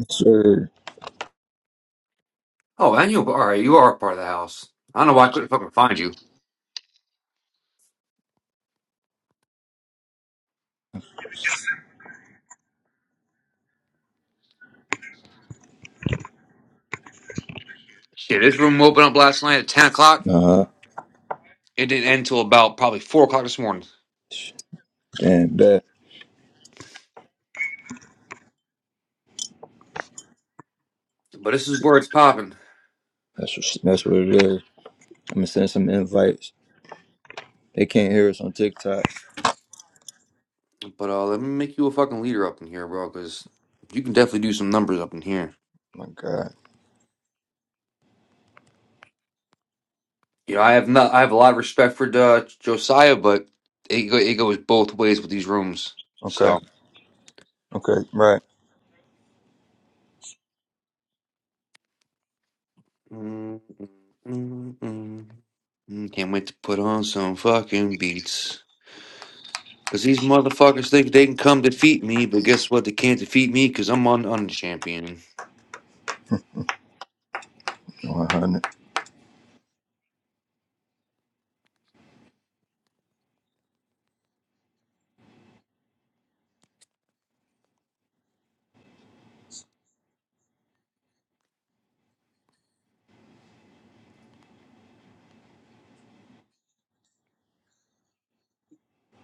Yes, Sir, Oh, and you, all right, you are a part of the house. I don't know why I couldn't fucking find you. Shit, this room opened up last night at 10 o'clock. nah, It didn't end till about probably 4 o'clock this morning. damn that. But this is where it's popping. That's what, that's what it is. I'm gonna send some invites. They can't hear us on TikTok. But uh, let me make you a fucking leader up in here, bro, because you can definitely do some numbers up in here. My God. You know, I have not, I have a lot of respect for uh, Josiah, but it, go, it goes both ways with these rooms. Okay. So. Okay. Right. Mm, mm, mm, mm. Can't wait to put on some fucking beats. Because these motherfuckers think they can come defeat me, but guess what? They can't defeat me because I'm on on champion. One hundred.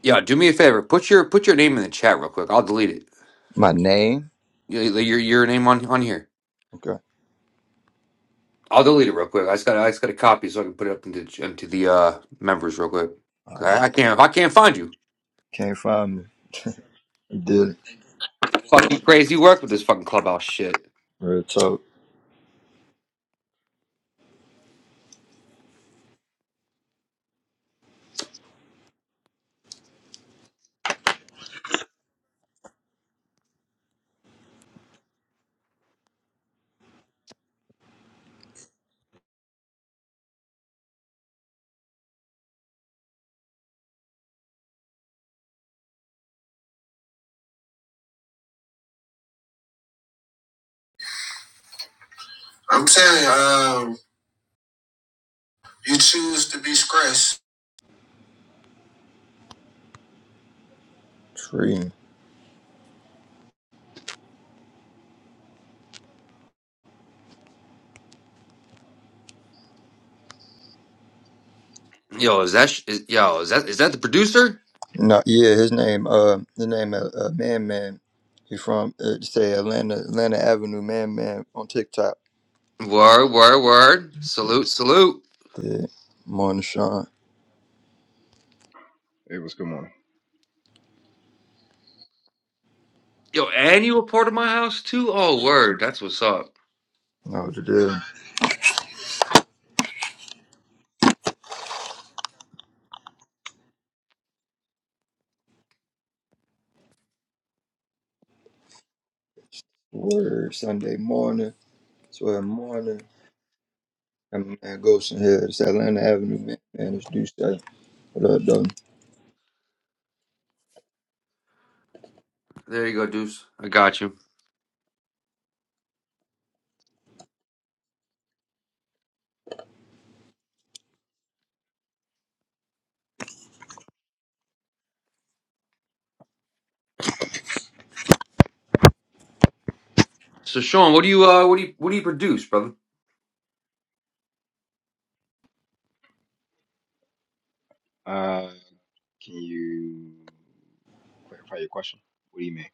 Yeah, do me a favor. Put your put your name in the chat real quick. I'll delete it. My name. Your your, your name on on here. Okay. I'll delete it real quick. I just got I just got a copy so I can put it up into into the uh, members real quick. All 'Cause right. I, I can't I can't find you. Can't find me. You did it. Fucking crazy work with this fucking clubhouse shit. Real talk. I'm telling you, um, you choose to be stressed. Free. Yo, is that sh- is, yo is that is that the producer? No. Yeah. His name. Uh. The name. Uh. uh man. Man. He from uh, say Atlanta. Atlanta Avenue. Man. Man. On TikTok. Word word word. Did. Salute salute. Did. Morning, Sean. It was good morning. Yo, and you a part of my house too. Oh word, that's what's up. Oh, today, word, Sunday morning, 12 morning. I'm man, Goshen Hill, it's Atlanta Avenue, man. Man, it's Deuce. Day. What up, Don? There you go, Deuce. I got you. So, Sean, what do you uh, what do you what do you produce, brother? Uh, can you clarify your question? What do you mean?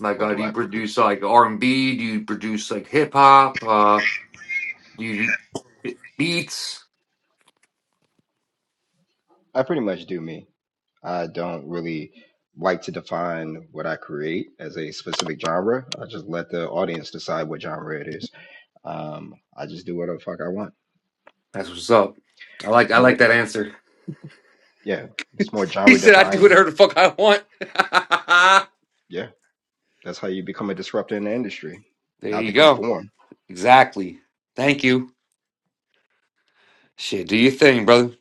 Like, What uh, do do I you produce produce? like R and B? Do you produce like hip hop? Uh, do you do beats? I pretty much do me. I don't really like to define what I create as a specific genre. I just let the audience decide what genre it is. Um, I just do whatever the fuck I want. That's what's up. I like I More, like that answer. yeah, it's more He genre said, "I do defined. whatever the fuck I want." Yeah, that's how you become a disruptor in the industry, there not you to go. conform. Exactly. Thank you. Shit, do your thing, brother.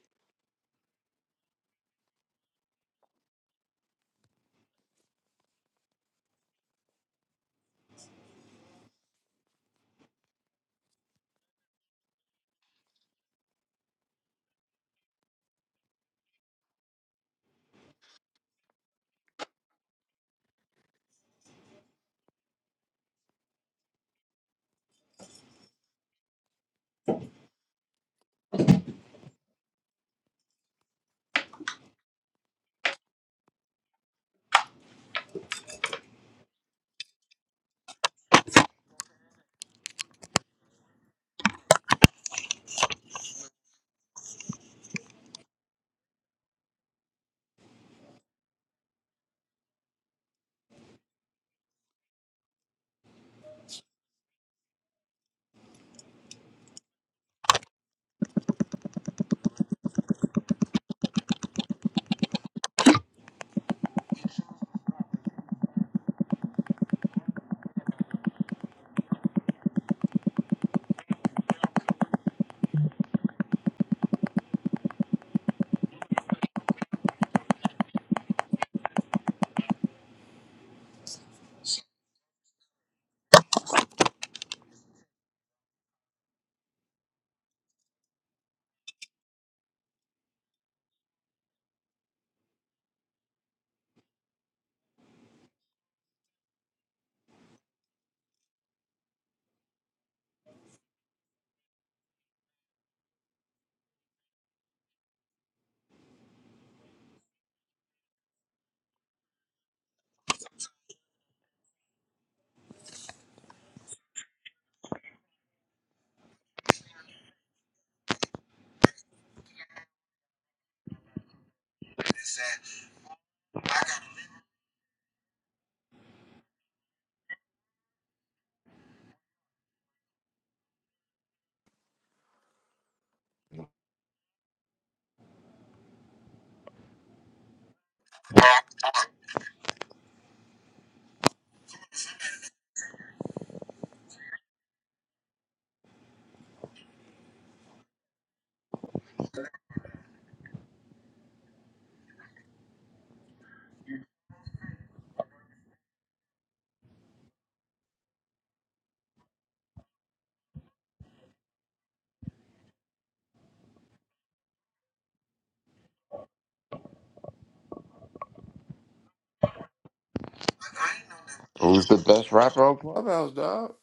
Who's the best rapper on Clubhouse, dog?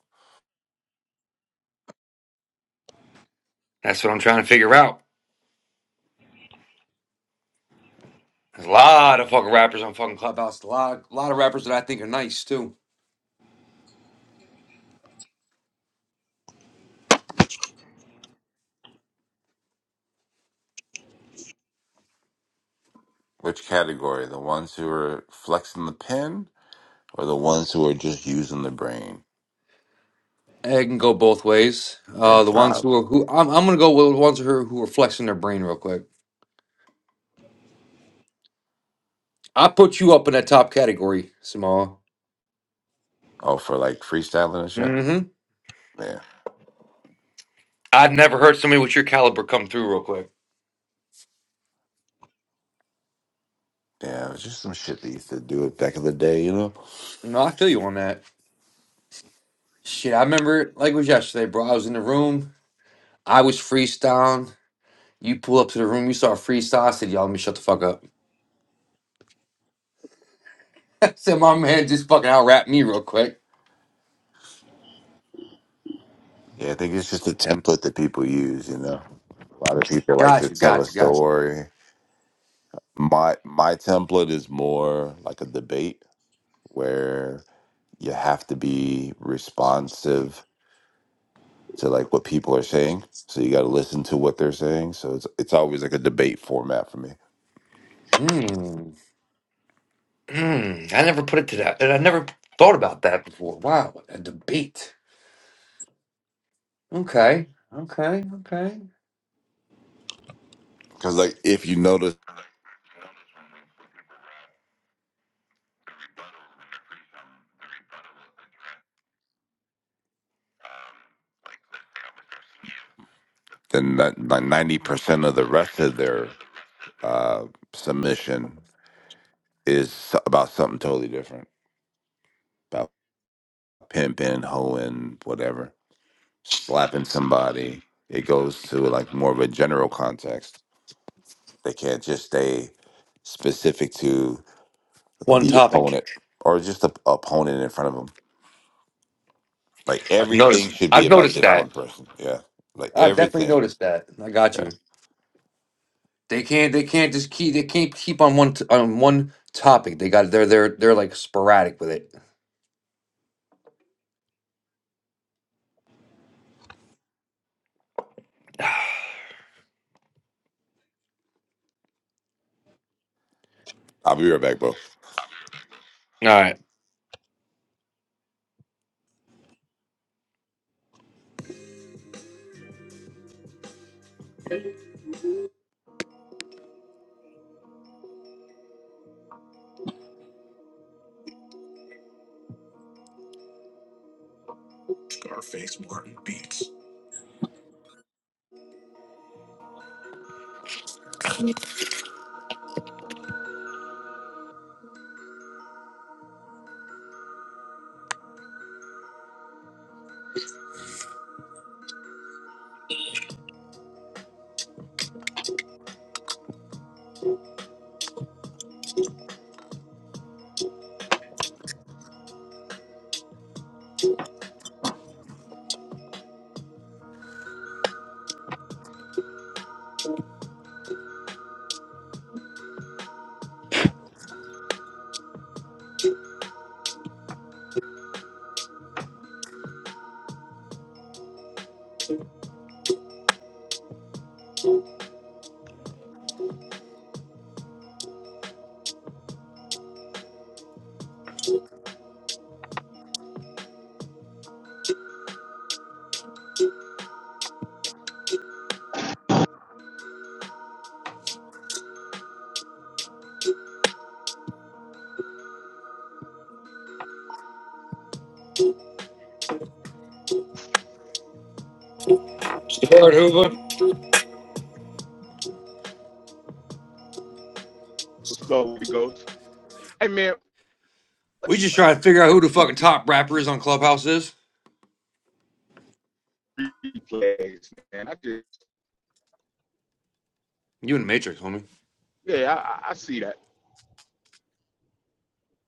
That's what I'm trying to figure out. There's a lot of fucking rappers on fucking Clubhouse. A lot, a lot of rappers that I think are nice too. Which category? The ones who are flexing the pen or the ones who are just using the brain? It can go both ways. Uh, the ones Improv. who are who I'm, I'm gonna go with the ones who are, who are flexing their brain real quick. I put you up in that top category, Samoa. Oh, for like freestyling and shit? Mm-hmm. Yeah. I've never heard somebody with your caliber come through real quick. Yeah, it was just some shit they used to do it back in the day, you know? No, I feel you on that. Shit, I remember it like it was yesterday, bro. I was in the room. I was freestyling. You pull up to the room. You saw a freestyle. I said, "Y'all, let me shut the fuck up." I said, "My man just fucking out rap me real quick." Yeah, I think it's just a template that people use, you know? A lot of people like to Gotcha, tell a gotcha, gotcha. story. My my template is more like a debate where you have to be responsive to like what people are saying. So you got to listen to what they're saying. So it's it's always like a debate format for me Hmm. Hmm, I never put it to that. and I never thought about that before. Wow, a debate. Okay, okay, okay. because like if you notice, then that like ninety percent of the rest of their uh, submission is so- about something totally different about pimping, hoeing, whatever, slapping somebody. It goes to like more of a general context. They can't just stay specific to One the topic. opponent or just the opponent in front of them. Like I've everything noticed. should be I've about noticed this that. one person. Yeah. Like I definitely everything. noticed that. I got Yeah. you. They can't. They can't just keep. They can't keep on one t- on one topic. They got. They're. They're. They're like sporadic with it. I'll be right back, bro. All right. So, Howard Hoover. What's up, Ghost? Hey, man, We just trying to figure out who the fucking top rapper is on Clubhouse is. replays, man. I just, You and Matrix, homie. yeah, I, I I see that.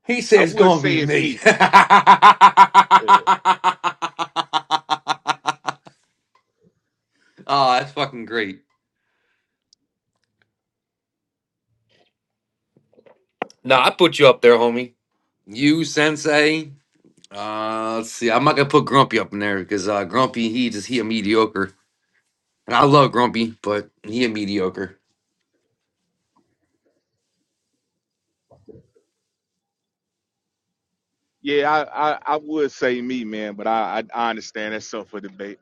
He said I it's would gonna say be it's me. me. Uh, Oh, that's fucking great. Nah, I put you up there, homie. You Sensei. Uh, let's see. I'm not gonna put Grumpy up in there because uh, Grumpy he just he a mediocre, and I love Grumpy, but he a mediocre. yeah, I, I, I would say me, man, but I, I, I understand that's up for debate.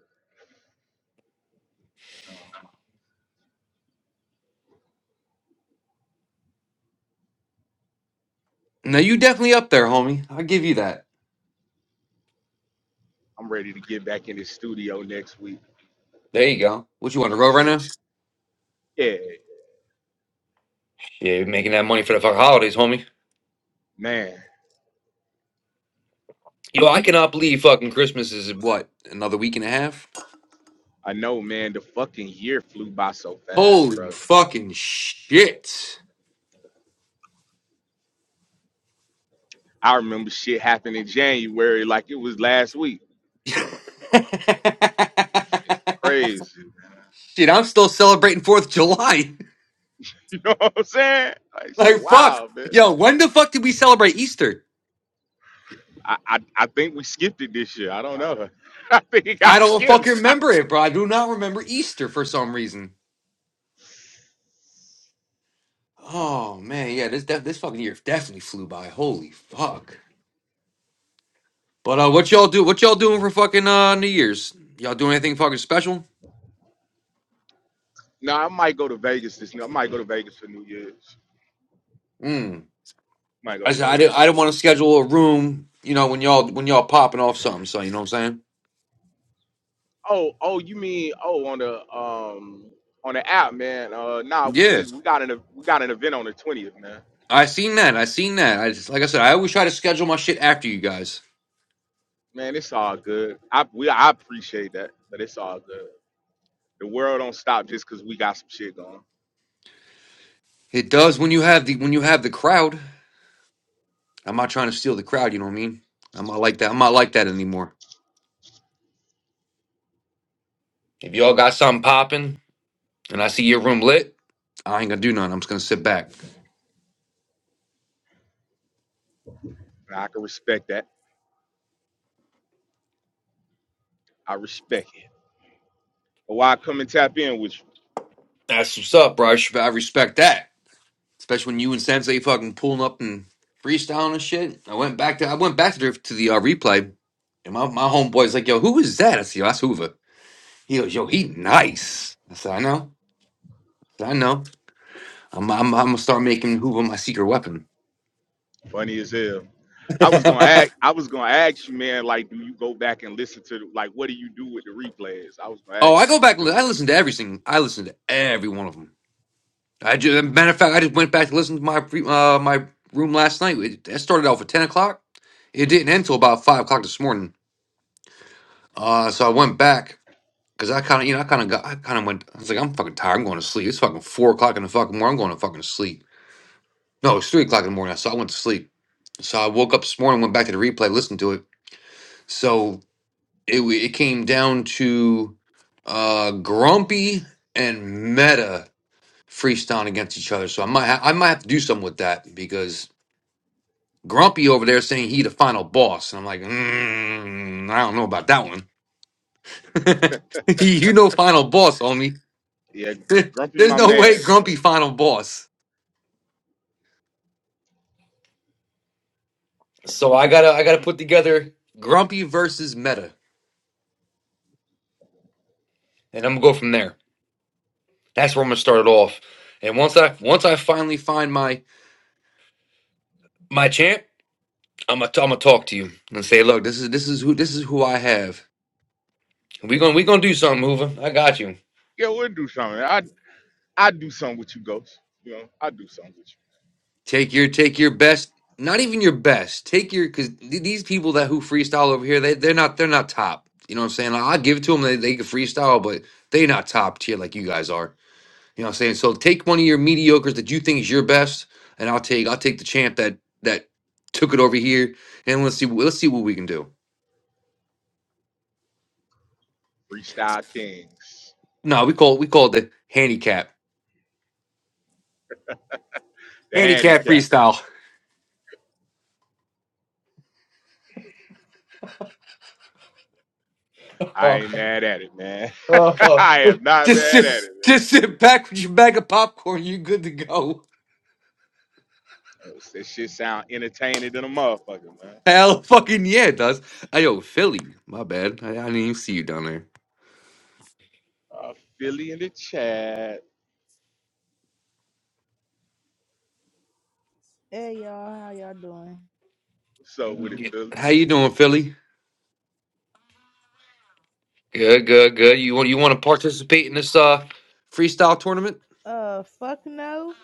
Uh, No, you definitely up there, homie. I'll give you that. I'm ready to get back in the studio next week, There you go. What you do want to some roll right shit. now? Yeah, Yeah, you're making that money for the fucking holidays, homie. man. Yo, I cannot believe fucking Christmas is. What? Another week and a half? I know, man. The fucking year flew by so fast, Holy bro. fucking shit! I remember shit happened in January like it was last week. shit, Crazy. I'm still celebrating Fourth of July. You know what I'm saying? Like shit, Like fuck, wow, man. yo, when the fuck did we celebrate Easter? I, I I think we skipped it this year. I don't know. I think it I got don't skipped. fucking remember it, bro. I do not remember Easter for some reason. Oh man, yeah, this def- this fucking year definitely flew by. Holy fuck! But uh, what y'all do? What y'all doing for fucking uh New Year's? Y'all doing anything fucking special? No, I might go to Vegas this year. I might go to Vegas for New Year's. Mm. Might go I to said I Vegas didn't. for I New didn't want Year. to schedule a room. You know when y'all when y'all popping off something. So you know what I'm Oh, oh, you mean oh on the um on the app, man. Uh nah, saying? we Yeah, just we got an ev- we got an event on the twentieth, man. I seen that. I seen that. I just like I said, I always try to schedule my shit after you guys. Man, it's all good. I we I appreciate that, but it's all good. The world don't stop just cause we got some shit going. It does when you have the when you have the crowd. I'm not trying to steal the crowd. You know what I mean? I'm not like that. I'm not like that anymore. If y'all got something popping and I see your room lit, I ain't gonna do nothing. I'm just gonna sit back. And I can respect that. I respect it. But why I come and tap in was That's what's up, bro. I, sh- I respect that, especially when you and Sensei fucking pulling up and freestyling and shit. I went back to I went back to the, to the uh, replay, and my my homeboy's like, "Yo, who is that?" I said, "Yo, that's Hoover." He goes, "Yo, he nice." I said, "I know." I said, I know. I'm, I'm, I'm gonna start making Hoover my secret weapon. funny as hell. I was oh, gonna ask. I was gonna ask you, man. Like, do you go back and listen to? The, like, what do you do with the replays? I was gonna ask you I go what you back. and do. li- I With it. listen to every single. I listen to every one of them. I just, matter of fact, I just went back to listen to my pre- uh, my room last night. It, it started off at ten o'clock. It didn't end till about five o'clock this morning. Uh, so I went back because I kind of, you know, I kind of got, I kind of went. I was like, I'm fucking tired. I'm going to sleep. It's fucking four o'clock in the fucking morning. I'm going to fucking sleep. No, it's three o'clock in the morning. So I went to sleep. So I woke up this morning, went back to the replay, listened to it. So it w- it came down to uh, Grumpy and Meta freestyling against each other. So I might ha- I might have to do something with that because. Grumpy over there saying he the final boss, and I'm like, mm, I don't know about that one. you know, final boss, homie. Yeah, Gr- Grumpy, There's my no way man's. But Grumpy final boss. So I gotta I gotta put together Grumpy versus Meta, and I'm gonna go from there. That's where I'm gonna start it off. And once I once I finally find my my champ, I'm gonna I'm gonna talk to you and say, look, this is this is who this is who I have. We gonna we gonna do something, Hoover. I got you. yeah, we'll do something. I I do something with you, Ghost. You know, I do something with Take your take your best, not even your best. Take your because these people that who freestyle over here, they they're not they're not top. You know what I'm saying? Like, I'll give it to them. They, they can freestyle, but they're not top tier like you guys are. You know what I'm saying? So take one of your mediocres that you think is your best, and I'll take I'll take the champ that that took it over here, and let's see let's see what we can do. you. Freestyle Kings, No, we call we call it the handicap the handicap handicap. freestyle. I ain't mad at it, man. I am not Just mad at sit it, man. just sit back with your bag of popcorn. You're good to go. Oh, That shit sound entertaining than a motherfucker, man. Hell fucking yeah, it does. Hey, yo, Philly. My bad. I, I didn't even see you down there. Uh, Philly in the chat. Hey y'all, how y'all doing? What's up with it, Yeah. Philly? How you doing, Philly? Good, good, good. You want you want to participate in this? Uh, Freestyle tournament? Uh, fuck no.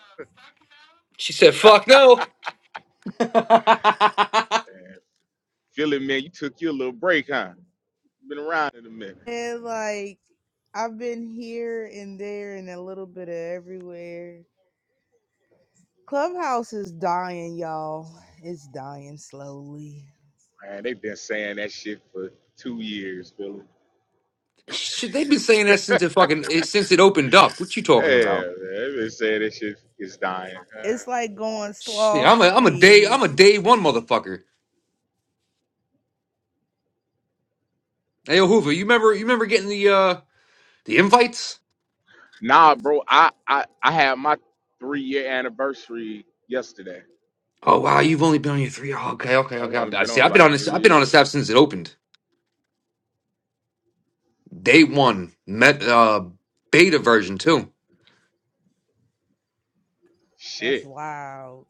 she said, "Fuck no." Man, Philly, man, you took your little break, huh? Been around in a minute. And like, I've been here and there and a little bit of everywhere. Clubhouse is dying, y'all. It's dying slowly. Man, they've been saying that shit for two years, Billy. Shit, they've been saying that since it fucking it, since it opened up. What you Yeah, talking man, about? they've been saying that shit is dying. Uh, It's like going Shit, sloth I'm a I'm a day speed. I'm a day one motherfucker. Hey, yo, Hoover, you remember you remember getting the uh the invites? nah, bro, I, I, I had my three year anniversary yesterday. Oh wow, you've only been on your three. Oh, okay, okay, Yeah, I've only okay. I been see. on I've been on like this. three I've been on this years. app since it opened. Day one, met uh, beta version too. That's Shit. wild.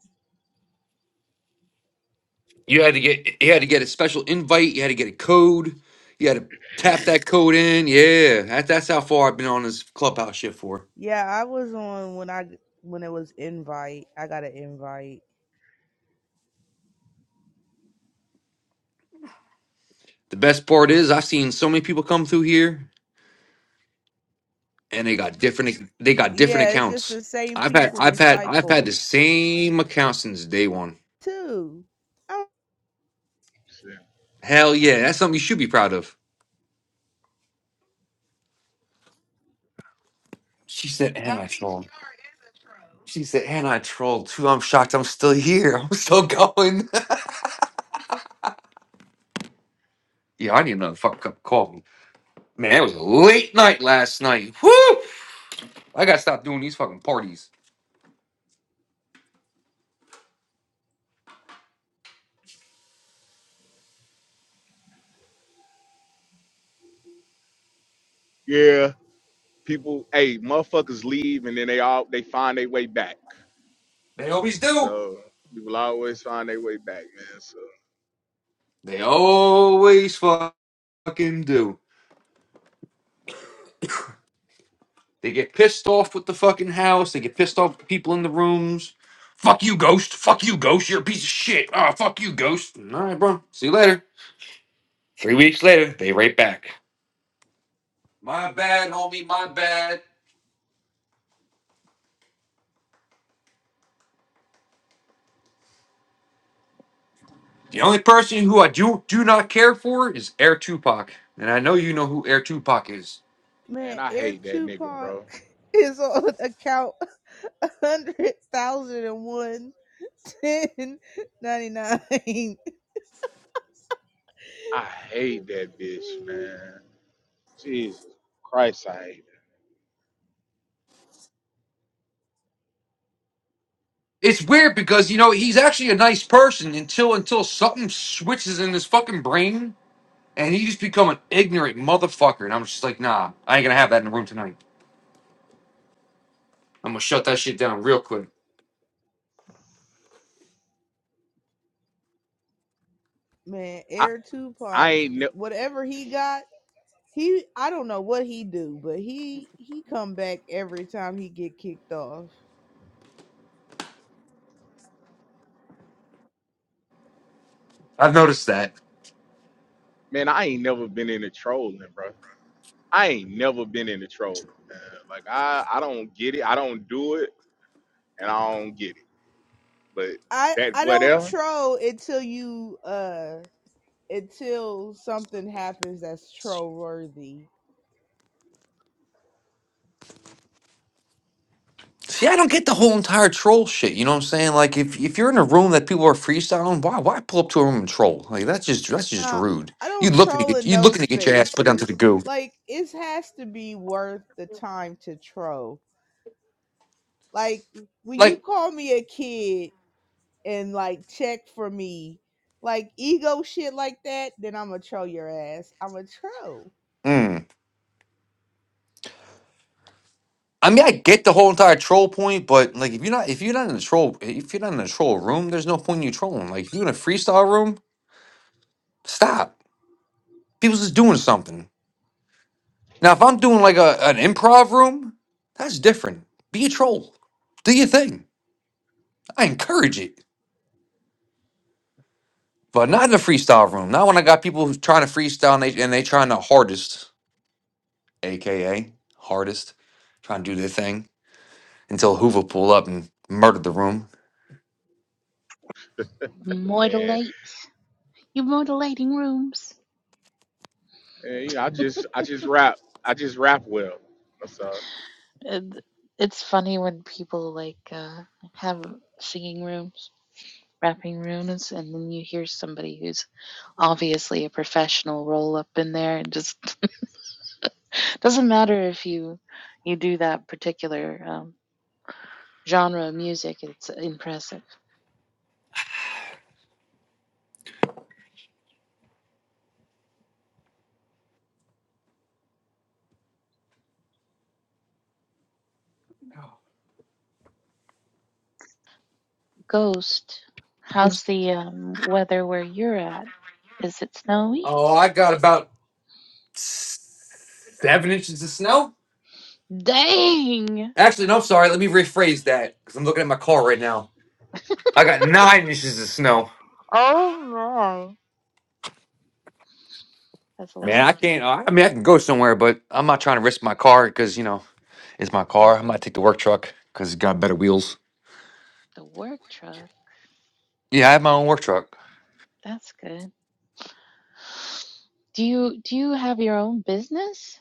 You had to get you had to get a special invite. You had to get a code. You had to tap that code in. Yeah, that, that's how far I've been on this clubhouse shit for. Yeah, I was on when I when it was invite. I got an invite. The best part is I've seen so many people come through here, and they got different they got different Yeah, it's just accounts. the same I've had people I've had I've had the recycled. same account since day one. Two. Oh shit. Hell yeah, that's something you should be proud of. She said, and I trolled. She said, and I trolled too. I'm shocked. I'm still here. I'm still going. Yeah, I need another fucking cup of coffee. Man, it was a late night last night. Whoo! I gotta stop doing these fucking parties. Yeah. People, hey, motherfuckers leave and then they all they find their way back. They always do. So people always find their way back, man. So They always fucking do. They get pissed off with the fucking house. They get pissed off with the people in the rooms. Fuck you, ghost. Fuck you, ghost. You're a piece of shit. Ah, fuck you, ghost. All right, bro. See you later. Three weeks later, they right back. My bad, homie. My bad. The only person who I do do not care for is Air Tupac, and I know you know who Air Tupac is. man, man, I Air hate that nigga, Tupac bro. is on account a hundred thousand and one ten ninety nine. I hate that bitch, man. Jesus Christ, I hate. it's weird because you know he's actually a nice person until until something switches in his fucking brain and he just become an ignorant motherfucker and i'm just like nah i ain't gonna have that in the room tonight i'm gonna shut that shit down real quick Man, I Air I Tupac, ain't ne- whatever he got, he I don't know what he do, but he he come back every time he get kicked off. i've noticed that man, I ain't never been into trolling, bro. I ain't never been into trolling, man. Like I I don't get it. I don't do it, and I don't get it. But I that I don't whatever, troll until you uh until something happens that's troll worthy. see i don't get the whole entire troll shit you know what i'm saying like if if you're in a room that people are freestyling why why pull up to a room and troll like that's just that's just Uh, rude I you don't looking to troll get in you looking those to get your ass put down to the spaces. goo Like, it has to be worth the time to troll. Like, when you like call me a kid and, like, check for me, like, ego shit like that, then I'm gonna troll your ass. I'm a troll. mm. I mean, I get the whole entire troll point, but like, if you're not, if you're not in a troll, if you're not in a troll room, there's no point in you trolling. Like, if you're in a freestyle room, stop. People's just doing something. Now, if I'm doing like a an improv room, that's different. Be a troll, do your thing. I encourage it, but not in a freestyle room. Not when I got people who's trying to freestyle and they and they trying the hardest, aka hardest, trying to do their thing until Hoover pull up and murder the room. man. Modelate. You're modeling rooms. man, You know, I just I just rap. I just rap well. That's all, it's funny when people like uh, have singing rooms, rapping rooms, and then you hear somebody who's obviously a professional roll up in there. It just doesn't matter if you you do that particular um, genre of music. It's impressive. Ghost, how's the um, weather where you're at? Is it snowy? Oh, I got about seven inches of snow. Dang! Actually, no, sorry. Let me rephrase that because I'm looking at my car right now. I got nine inches of snow. Oh no, that's a lot Man, of I snow. can't. I I mean, I can go somewhere, but I'm not trying to risk my car because you know it's my car. I might Mm-hmm. take the work truck because it's got better wheels. The work truck. Yeah, I have my own work truck. That's good. Do you do you have your own business?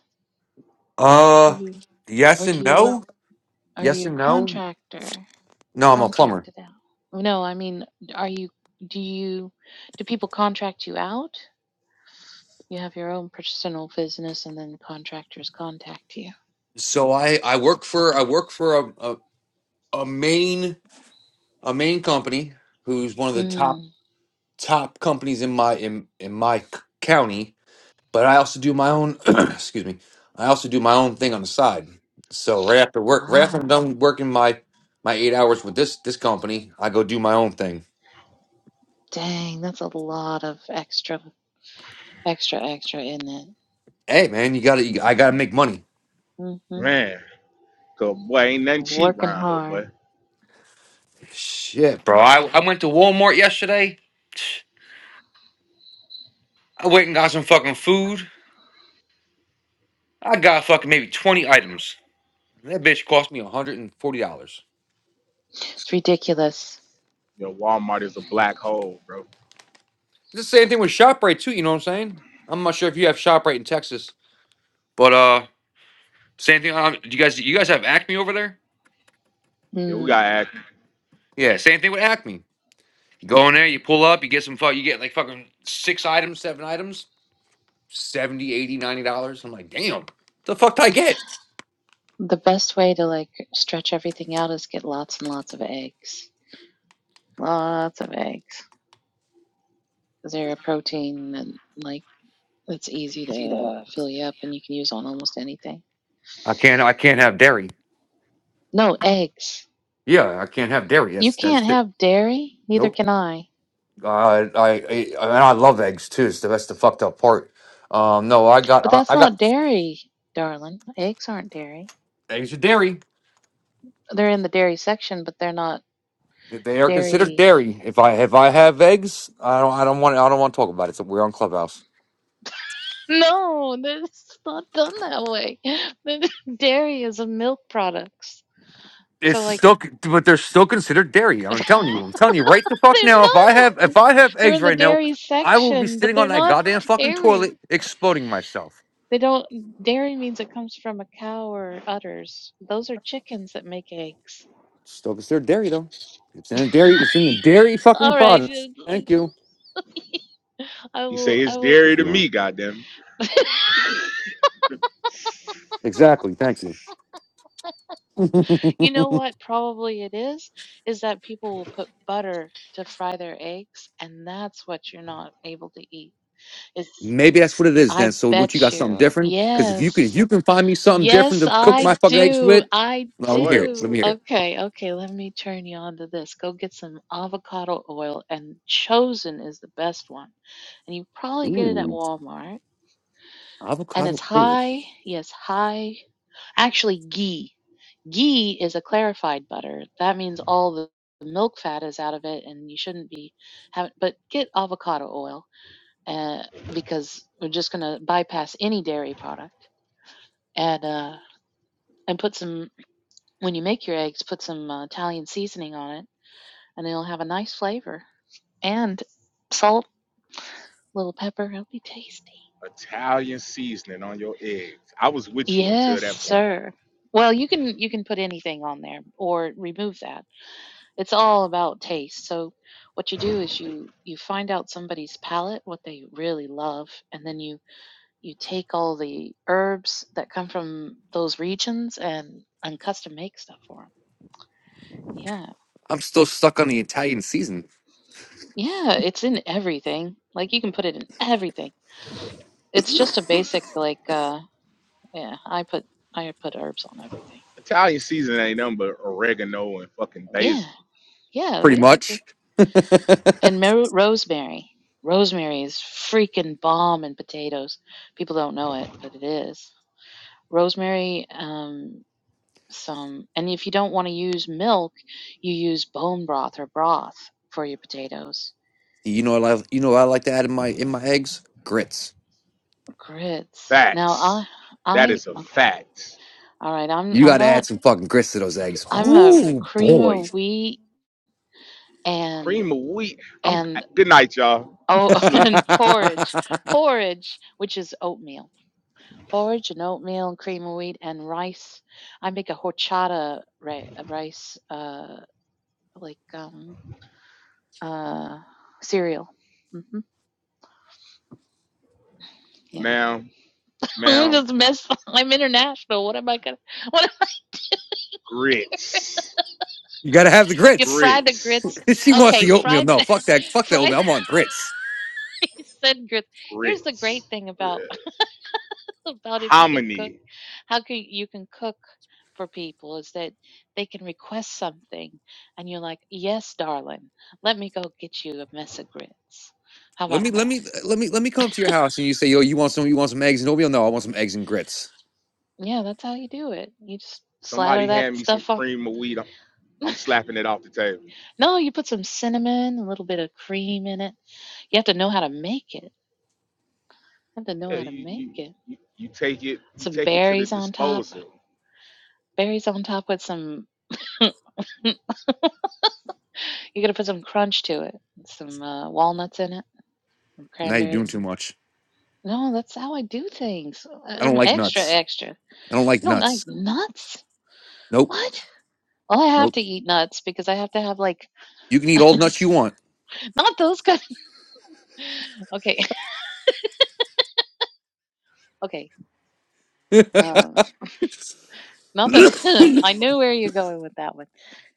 Do Uh, you yes or and do you work? no. Are Yes you a and no. contractor? No, I'm a plumber. Contracted out? No, I mean, are you? Do you? Do people contract you out? You have your own personal business, and then contractors contact you. So I I work for I work for a a, a main a main company who's one of the top. Mm. top companies in my in, in my c- county, but I also do my own excuse me. I also do my own thing on the side. So right after work, right after I'm Ah, done working my my eight hours with this this company, I go do my own thing. dang, that's a lot of extra, extra, extra in it. Hey man, you gotta you, I gotta make money. Mm-hmm. man. Cause boy, ain't nothing cheap Working around here, hard. boy. Shit, bro. I, I went to Walmart yesterday. I went and got some fucking food. I got fucking maybe twenty items. That bitch cost me one hundred and forty dollars. It's ridiculous. You know, Walmart is a black hole, bro. The same thing with Shoprite too. You know what I'm saying? I'm not sure if you have Shoprite in Texas, but uh, Same thing. On, do you guys you guys have Acme over there? Yeah, we Mm. gotta act. Yeah, same thing with Acme. You go in there, you pull up, you get some fuck, you get like fucking six items, seven items, 70, 80, 90 dollars. I'm like, damn, the fuck did I get? The best way to like stretch everything out is get lots and lots of eggs. Lots of eggs. Because they're a protein and like it's easy to fill you up and you can use on almost anything. I can't. I can't have dairy. No, eggs. Yeah, I can't have dairy. You That's that's can't it. have dairy, neither Nope. can I. Uh, I I I- and I love eggs too. So that's the fucked up part. Um, no, I got But that's I, I got not dairy, darling. Eggs aren't dairy. eggs are dairy. They're in the dairy section, but they're not They are considered dairy. dairy. If I if I have eggs, I don't I don't want I don't want to talk about it. So we're on Clubhouse. No, it's not done that way. Dairy is a milk products. It's So like still, but they're still considered dairy. I'm telling you. I'm telling you right the fuck They're now. If I not. have, if I have They're eggs in the right now, dairy I will be section, but sitting they're on that not goddamn fucking dairy. toilet, exploding myself. They don't. Dairy means it comes from a cow or udders. Those are chickens that make eggs. Still considered dairy though. It's in a dairy. It's in the dairy fucking All right. products. Thank you. I He say will. I it's will. dairy What to you want? me, goddamn. Exactly. Thank you. You know what? Probably it is. Is that people will put butter to fry their eggs, and that's what you're not able to eat. Is Maybe that's what it is then. I So what you bet got something you. different? Because if you can, if Yes. you can find me something different Yes, to cook I my fucking eggs do. with, I well, let me hear Oil, it. Let do. me hear it. Okay, okay, let me turn you on to this. Go get some avocado oil, and Chosen is the best one. And you probably get it at Ooh, Walmart. And avocado it's oil. high, yes, high, actually, ghee. Ghee is a clarified butter. That means all the milk fat is out of it, and you shouldn't be having, but get avocado oil uh, because we're just going to bypass any dairy product. And, uh, and put some When you make your eggs, put some uh, Italian seasoning on it, and it'll have a nice flavor. And salt, a little pepper, it'll be tasty. Italian seasoning on your eggs. I was with you until Yes, that point. sir. Well, you can you can put anything on there or remove that. It's all about taste. So what you do is you you find out somebody's palate, what they really love, and then you you take all the herbs that come from those regions and and custom make stuff for them. Yeah. I'm still stuck on the Italian season, Yeah, it's in everything. Like you can put it in everything. It's just a basic like uh yeah, I put I put herbs on everything. Italian season ain't nothing but oregano and fucking Yeah. basil. Yeah, pretty basically. much. And mer- rosemary. Rosemary is freaking bomb in potatoes. People don't know it, but it is. Rosemary um some and if you don't want to use milk, you use bone broth or broth for your potatoes. You know what I you know what I like to add in my in my eggs? Grits. Grits. Now I Facts. That I is a okay. fact. All right, I'm You I'm gotta not add some fucking grits to those eggs. I'm a Ooh cream boy. of wheat and Cream of wheat. I'm and good night, y'all. I'm Oh, and sleeping. porridge. Porridge, which is oatmeal. Porridge and oatmeal and cream of wheat and rice. I make a horchata ri- rice, uh, like um, uh, cereal. hmm Yeah. Ma'am, I'm ma'am, just mess. I'm international. What am I gonna? What am I, grits. you gotta have the you grits. fry the Grits. grits? she wants Okay, the oatmeal. fry No, the fuck that. Fuck the fry the. oatmeal. I want grits. He said grits. Here's the great Grits. thing about Yes. about if you can cook Hominy. how can you can cook for people is that they can request something and you're like yes darling let me go get you a mess of grits how Let about me let that me let me let me come to your house and you say, yo, you want some you want some eggs and oatmeal? No, I want some eggs and grits. yeah that's how you do it you just slather Somebody that hand me some stuff on cream of wheat. I'm, I'm slapping it off the table. no you put some cinnamon a little bit of cream in it you have to know how to make it you have to know Yeah, how to you make you it you, you take it you some take it to the berries on top disposal. berries on top with some you're gonna put some crunch to it some uh, walnuts in it some Now you're doing cranberries too much. No, that's how I do things. I- I don't I'm like extra, nuts. extra. You I don't like don't like nuts. nuts? Nope. What? Well, I have Nope. to eat nuts because I have to have like You can eat all the nuts you want. not those kind. okay, okay. Um, not I the. I knew where you're going with that one.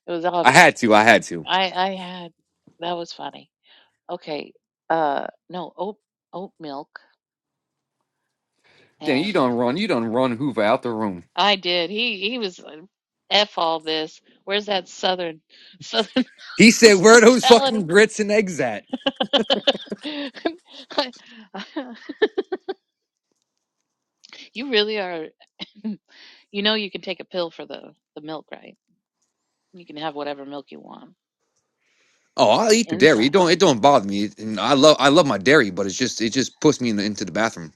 It was obvious. had to, I had to. I I had that was funny. Okay. Uh, no oat oat milk Damn, you and don't run, you don't run Hoover out the room. I did. He he was uh, f all this. Where's that southern southern He said, "Where are those hospitality? fucking grits and eggs at?" I- You really are. You know, you can take a pill for the the milk, right? You can have whatever milk you want. Oh, I'll It's an eat the dairy. It enzyme. don't it don't bother me. And I love I love my dairy, but it's just it just puts me in the, into the bathroom.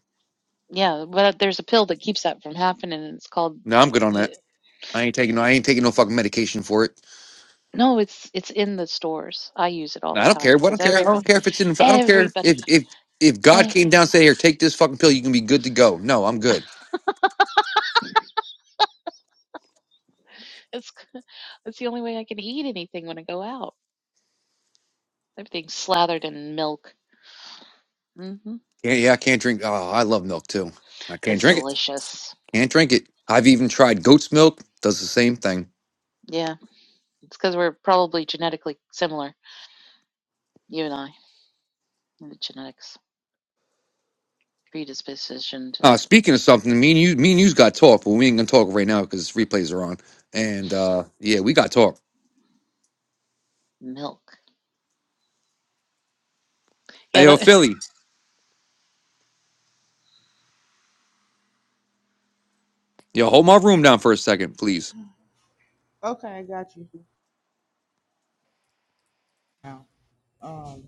Yeah, but there's a pill that keeps that from happening, and it's called. No, I'm good on that. I ain't taking Yeah. no I ain't taking no fucking medication for it. No, it's it's in the stores. I use it all No, I the don't time care. What I because don't care. I everybody, don't care if it's in. I don't care if everybody, if if God came everybody. down and said, "Here, take this fucking pill. You can be good to go." No, I'm good. It's it's the only way I can eat anything when I go out. Everything's slathered in milk. hmm Yeah, yeah. I can't drink. Oh, I love milk too. I can't It's drink it. delicious. Can't drink it. I've even tried goat's milk. Does the same thing. Yeah, it's because we're probably genetically similar, you and I, in the genetics. predisposition to Uh, speaking of something, me and you, me and you's got talk, but we ain't gonna talk right now because replays are on. And uh, yeah, we got talk. milk. Hey, Yeah, yo, that, Philly, yo, hold my room down for a second, please. Okay, I got you. Now, um,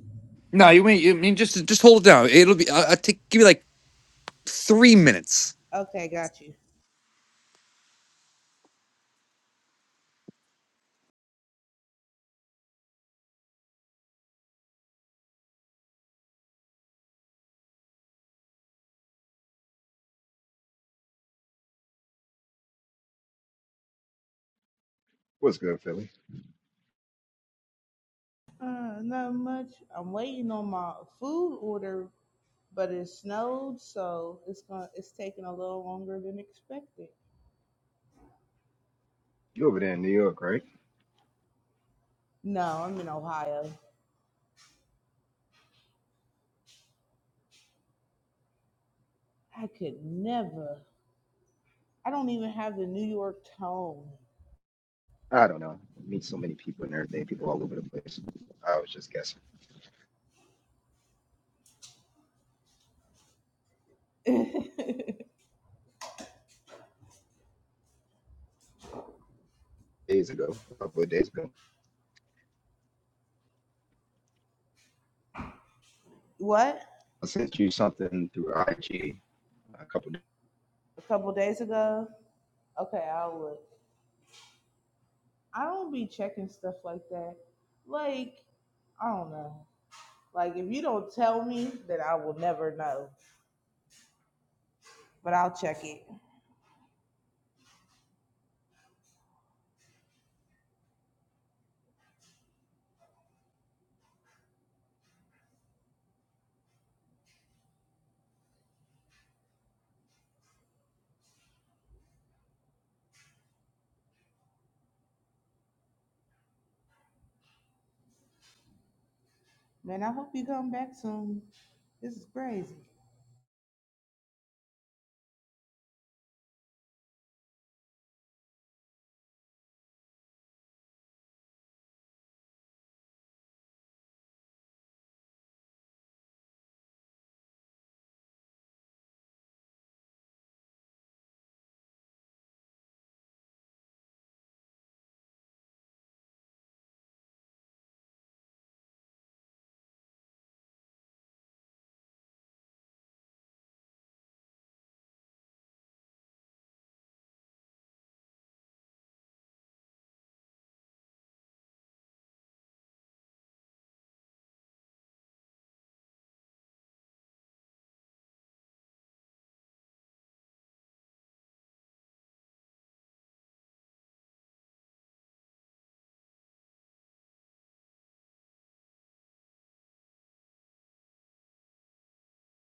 No, you ain't. You mean, just just hold it down. It'll be. I, I take give you like three minutes. okay, got you. What's good, Philly? Uh, not much. I'm waiting on my food order, but it snowed, so it's gonna it's taking a little longer than expected. You over there in New York, right? No, I'm in Ohio. I could never. I don't even have the New York tone. I don't know. Meet so many people and everything, people all over the place. I was just guessing days ago, a couple of days ago. what? I sent you something through IG a couple A couple days ago? Okay, I'll look. I don't be checking stuff like that. Like, I don't know. Like, if you don't tell me, then I will never know. But I'll check it. Man, I hope you come back soon. This is crazy.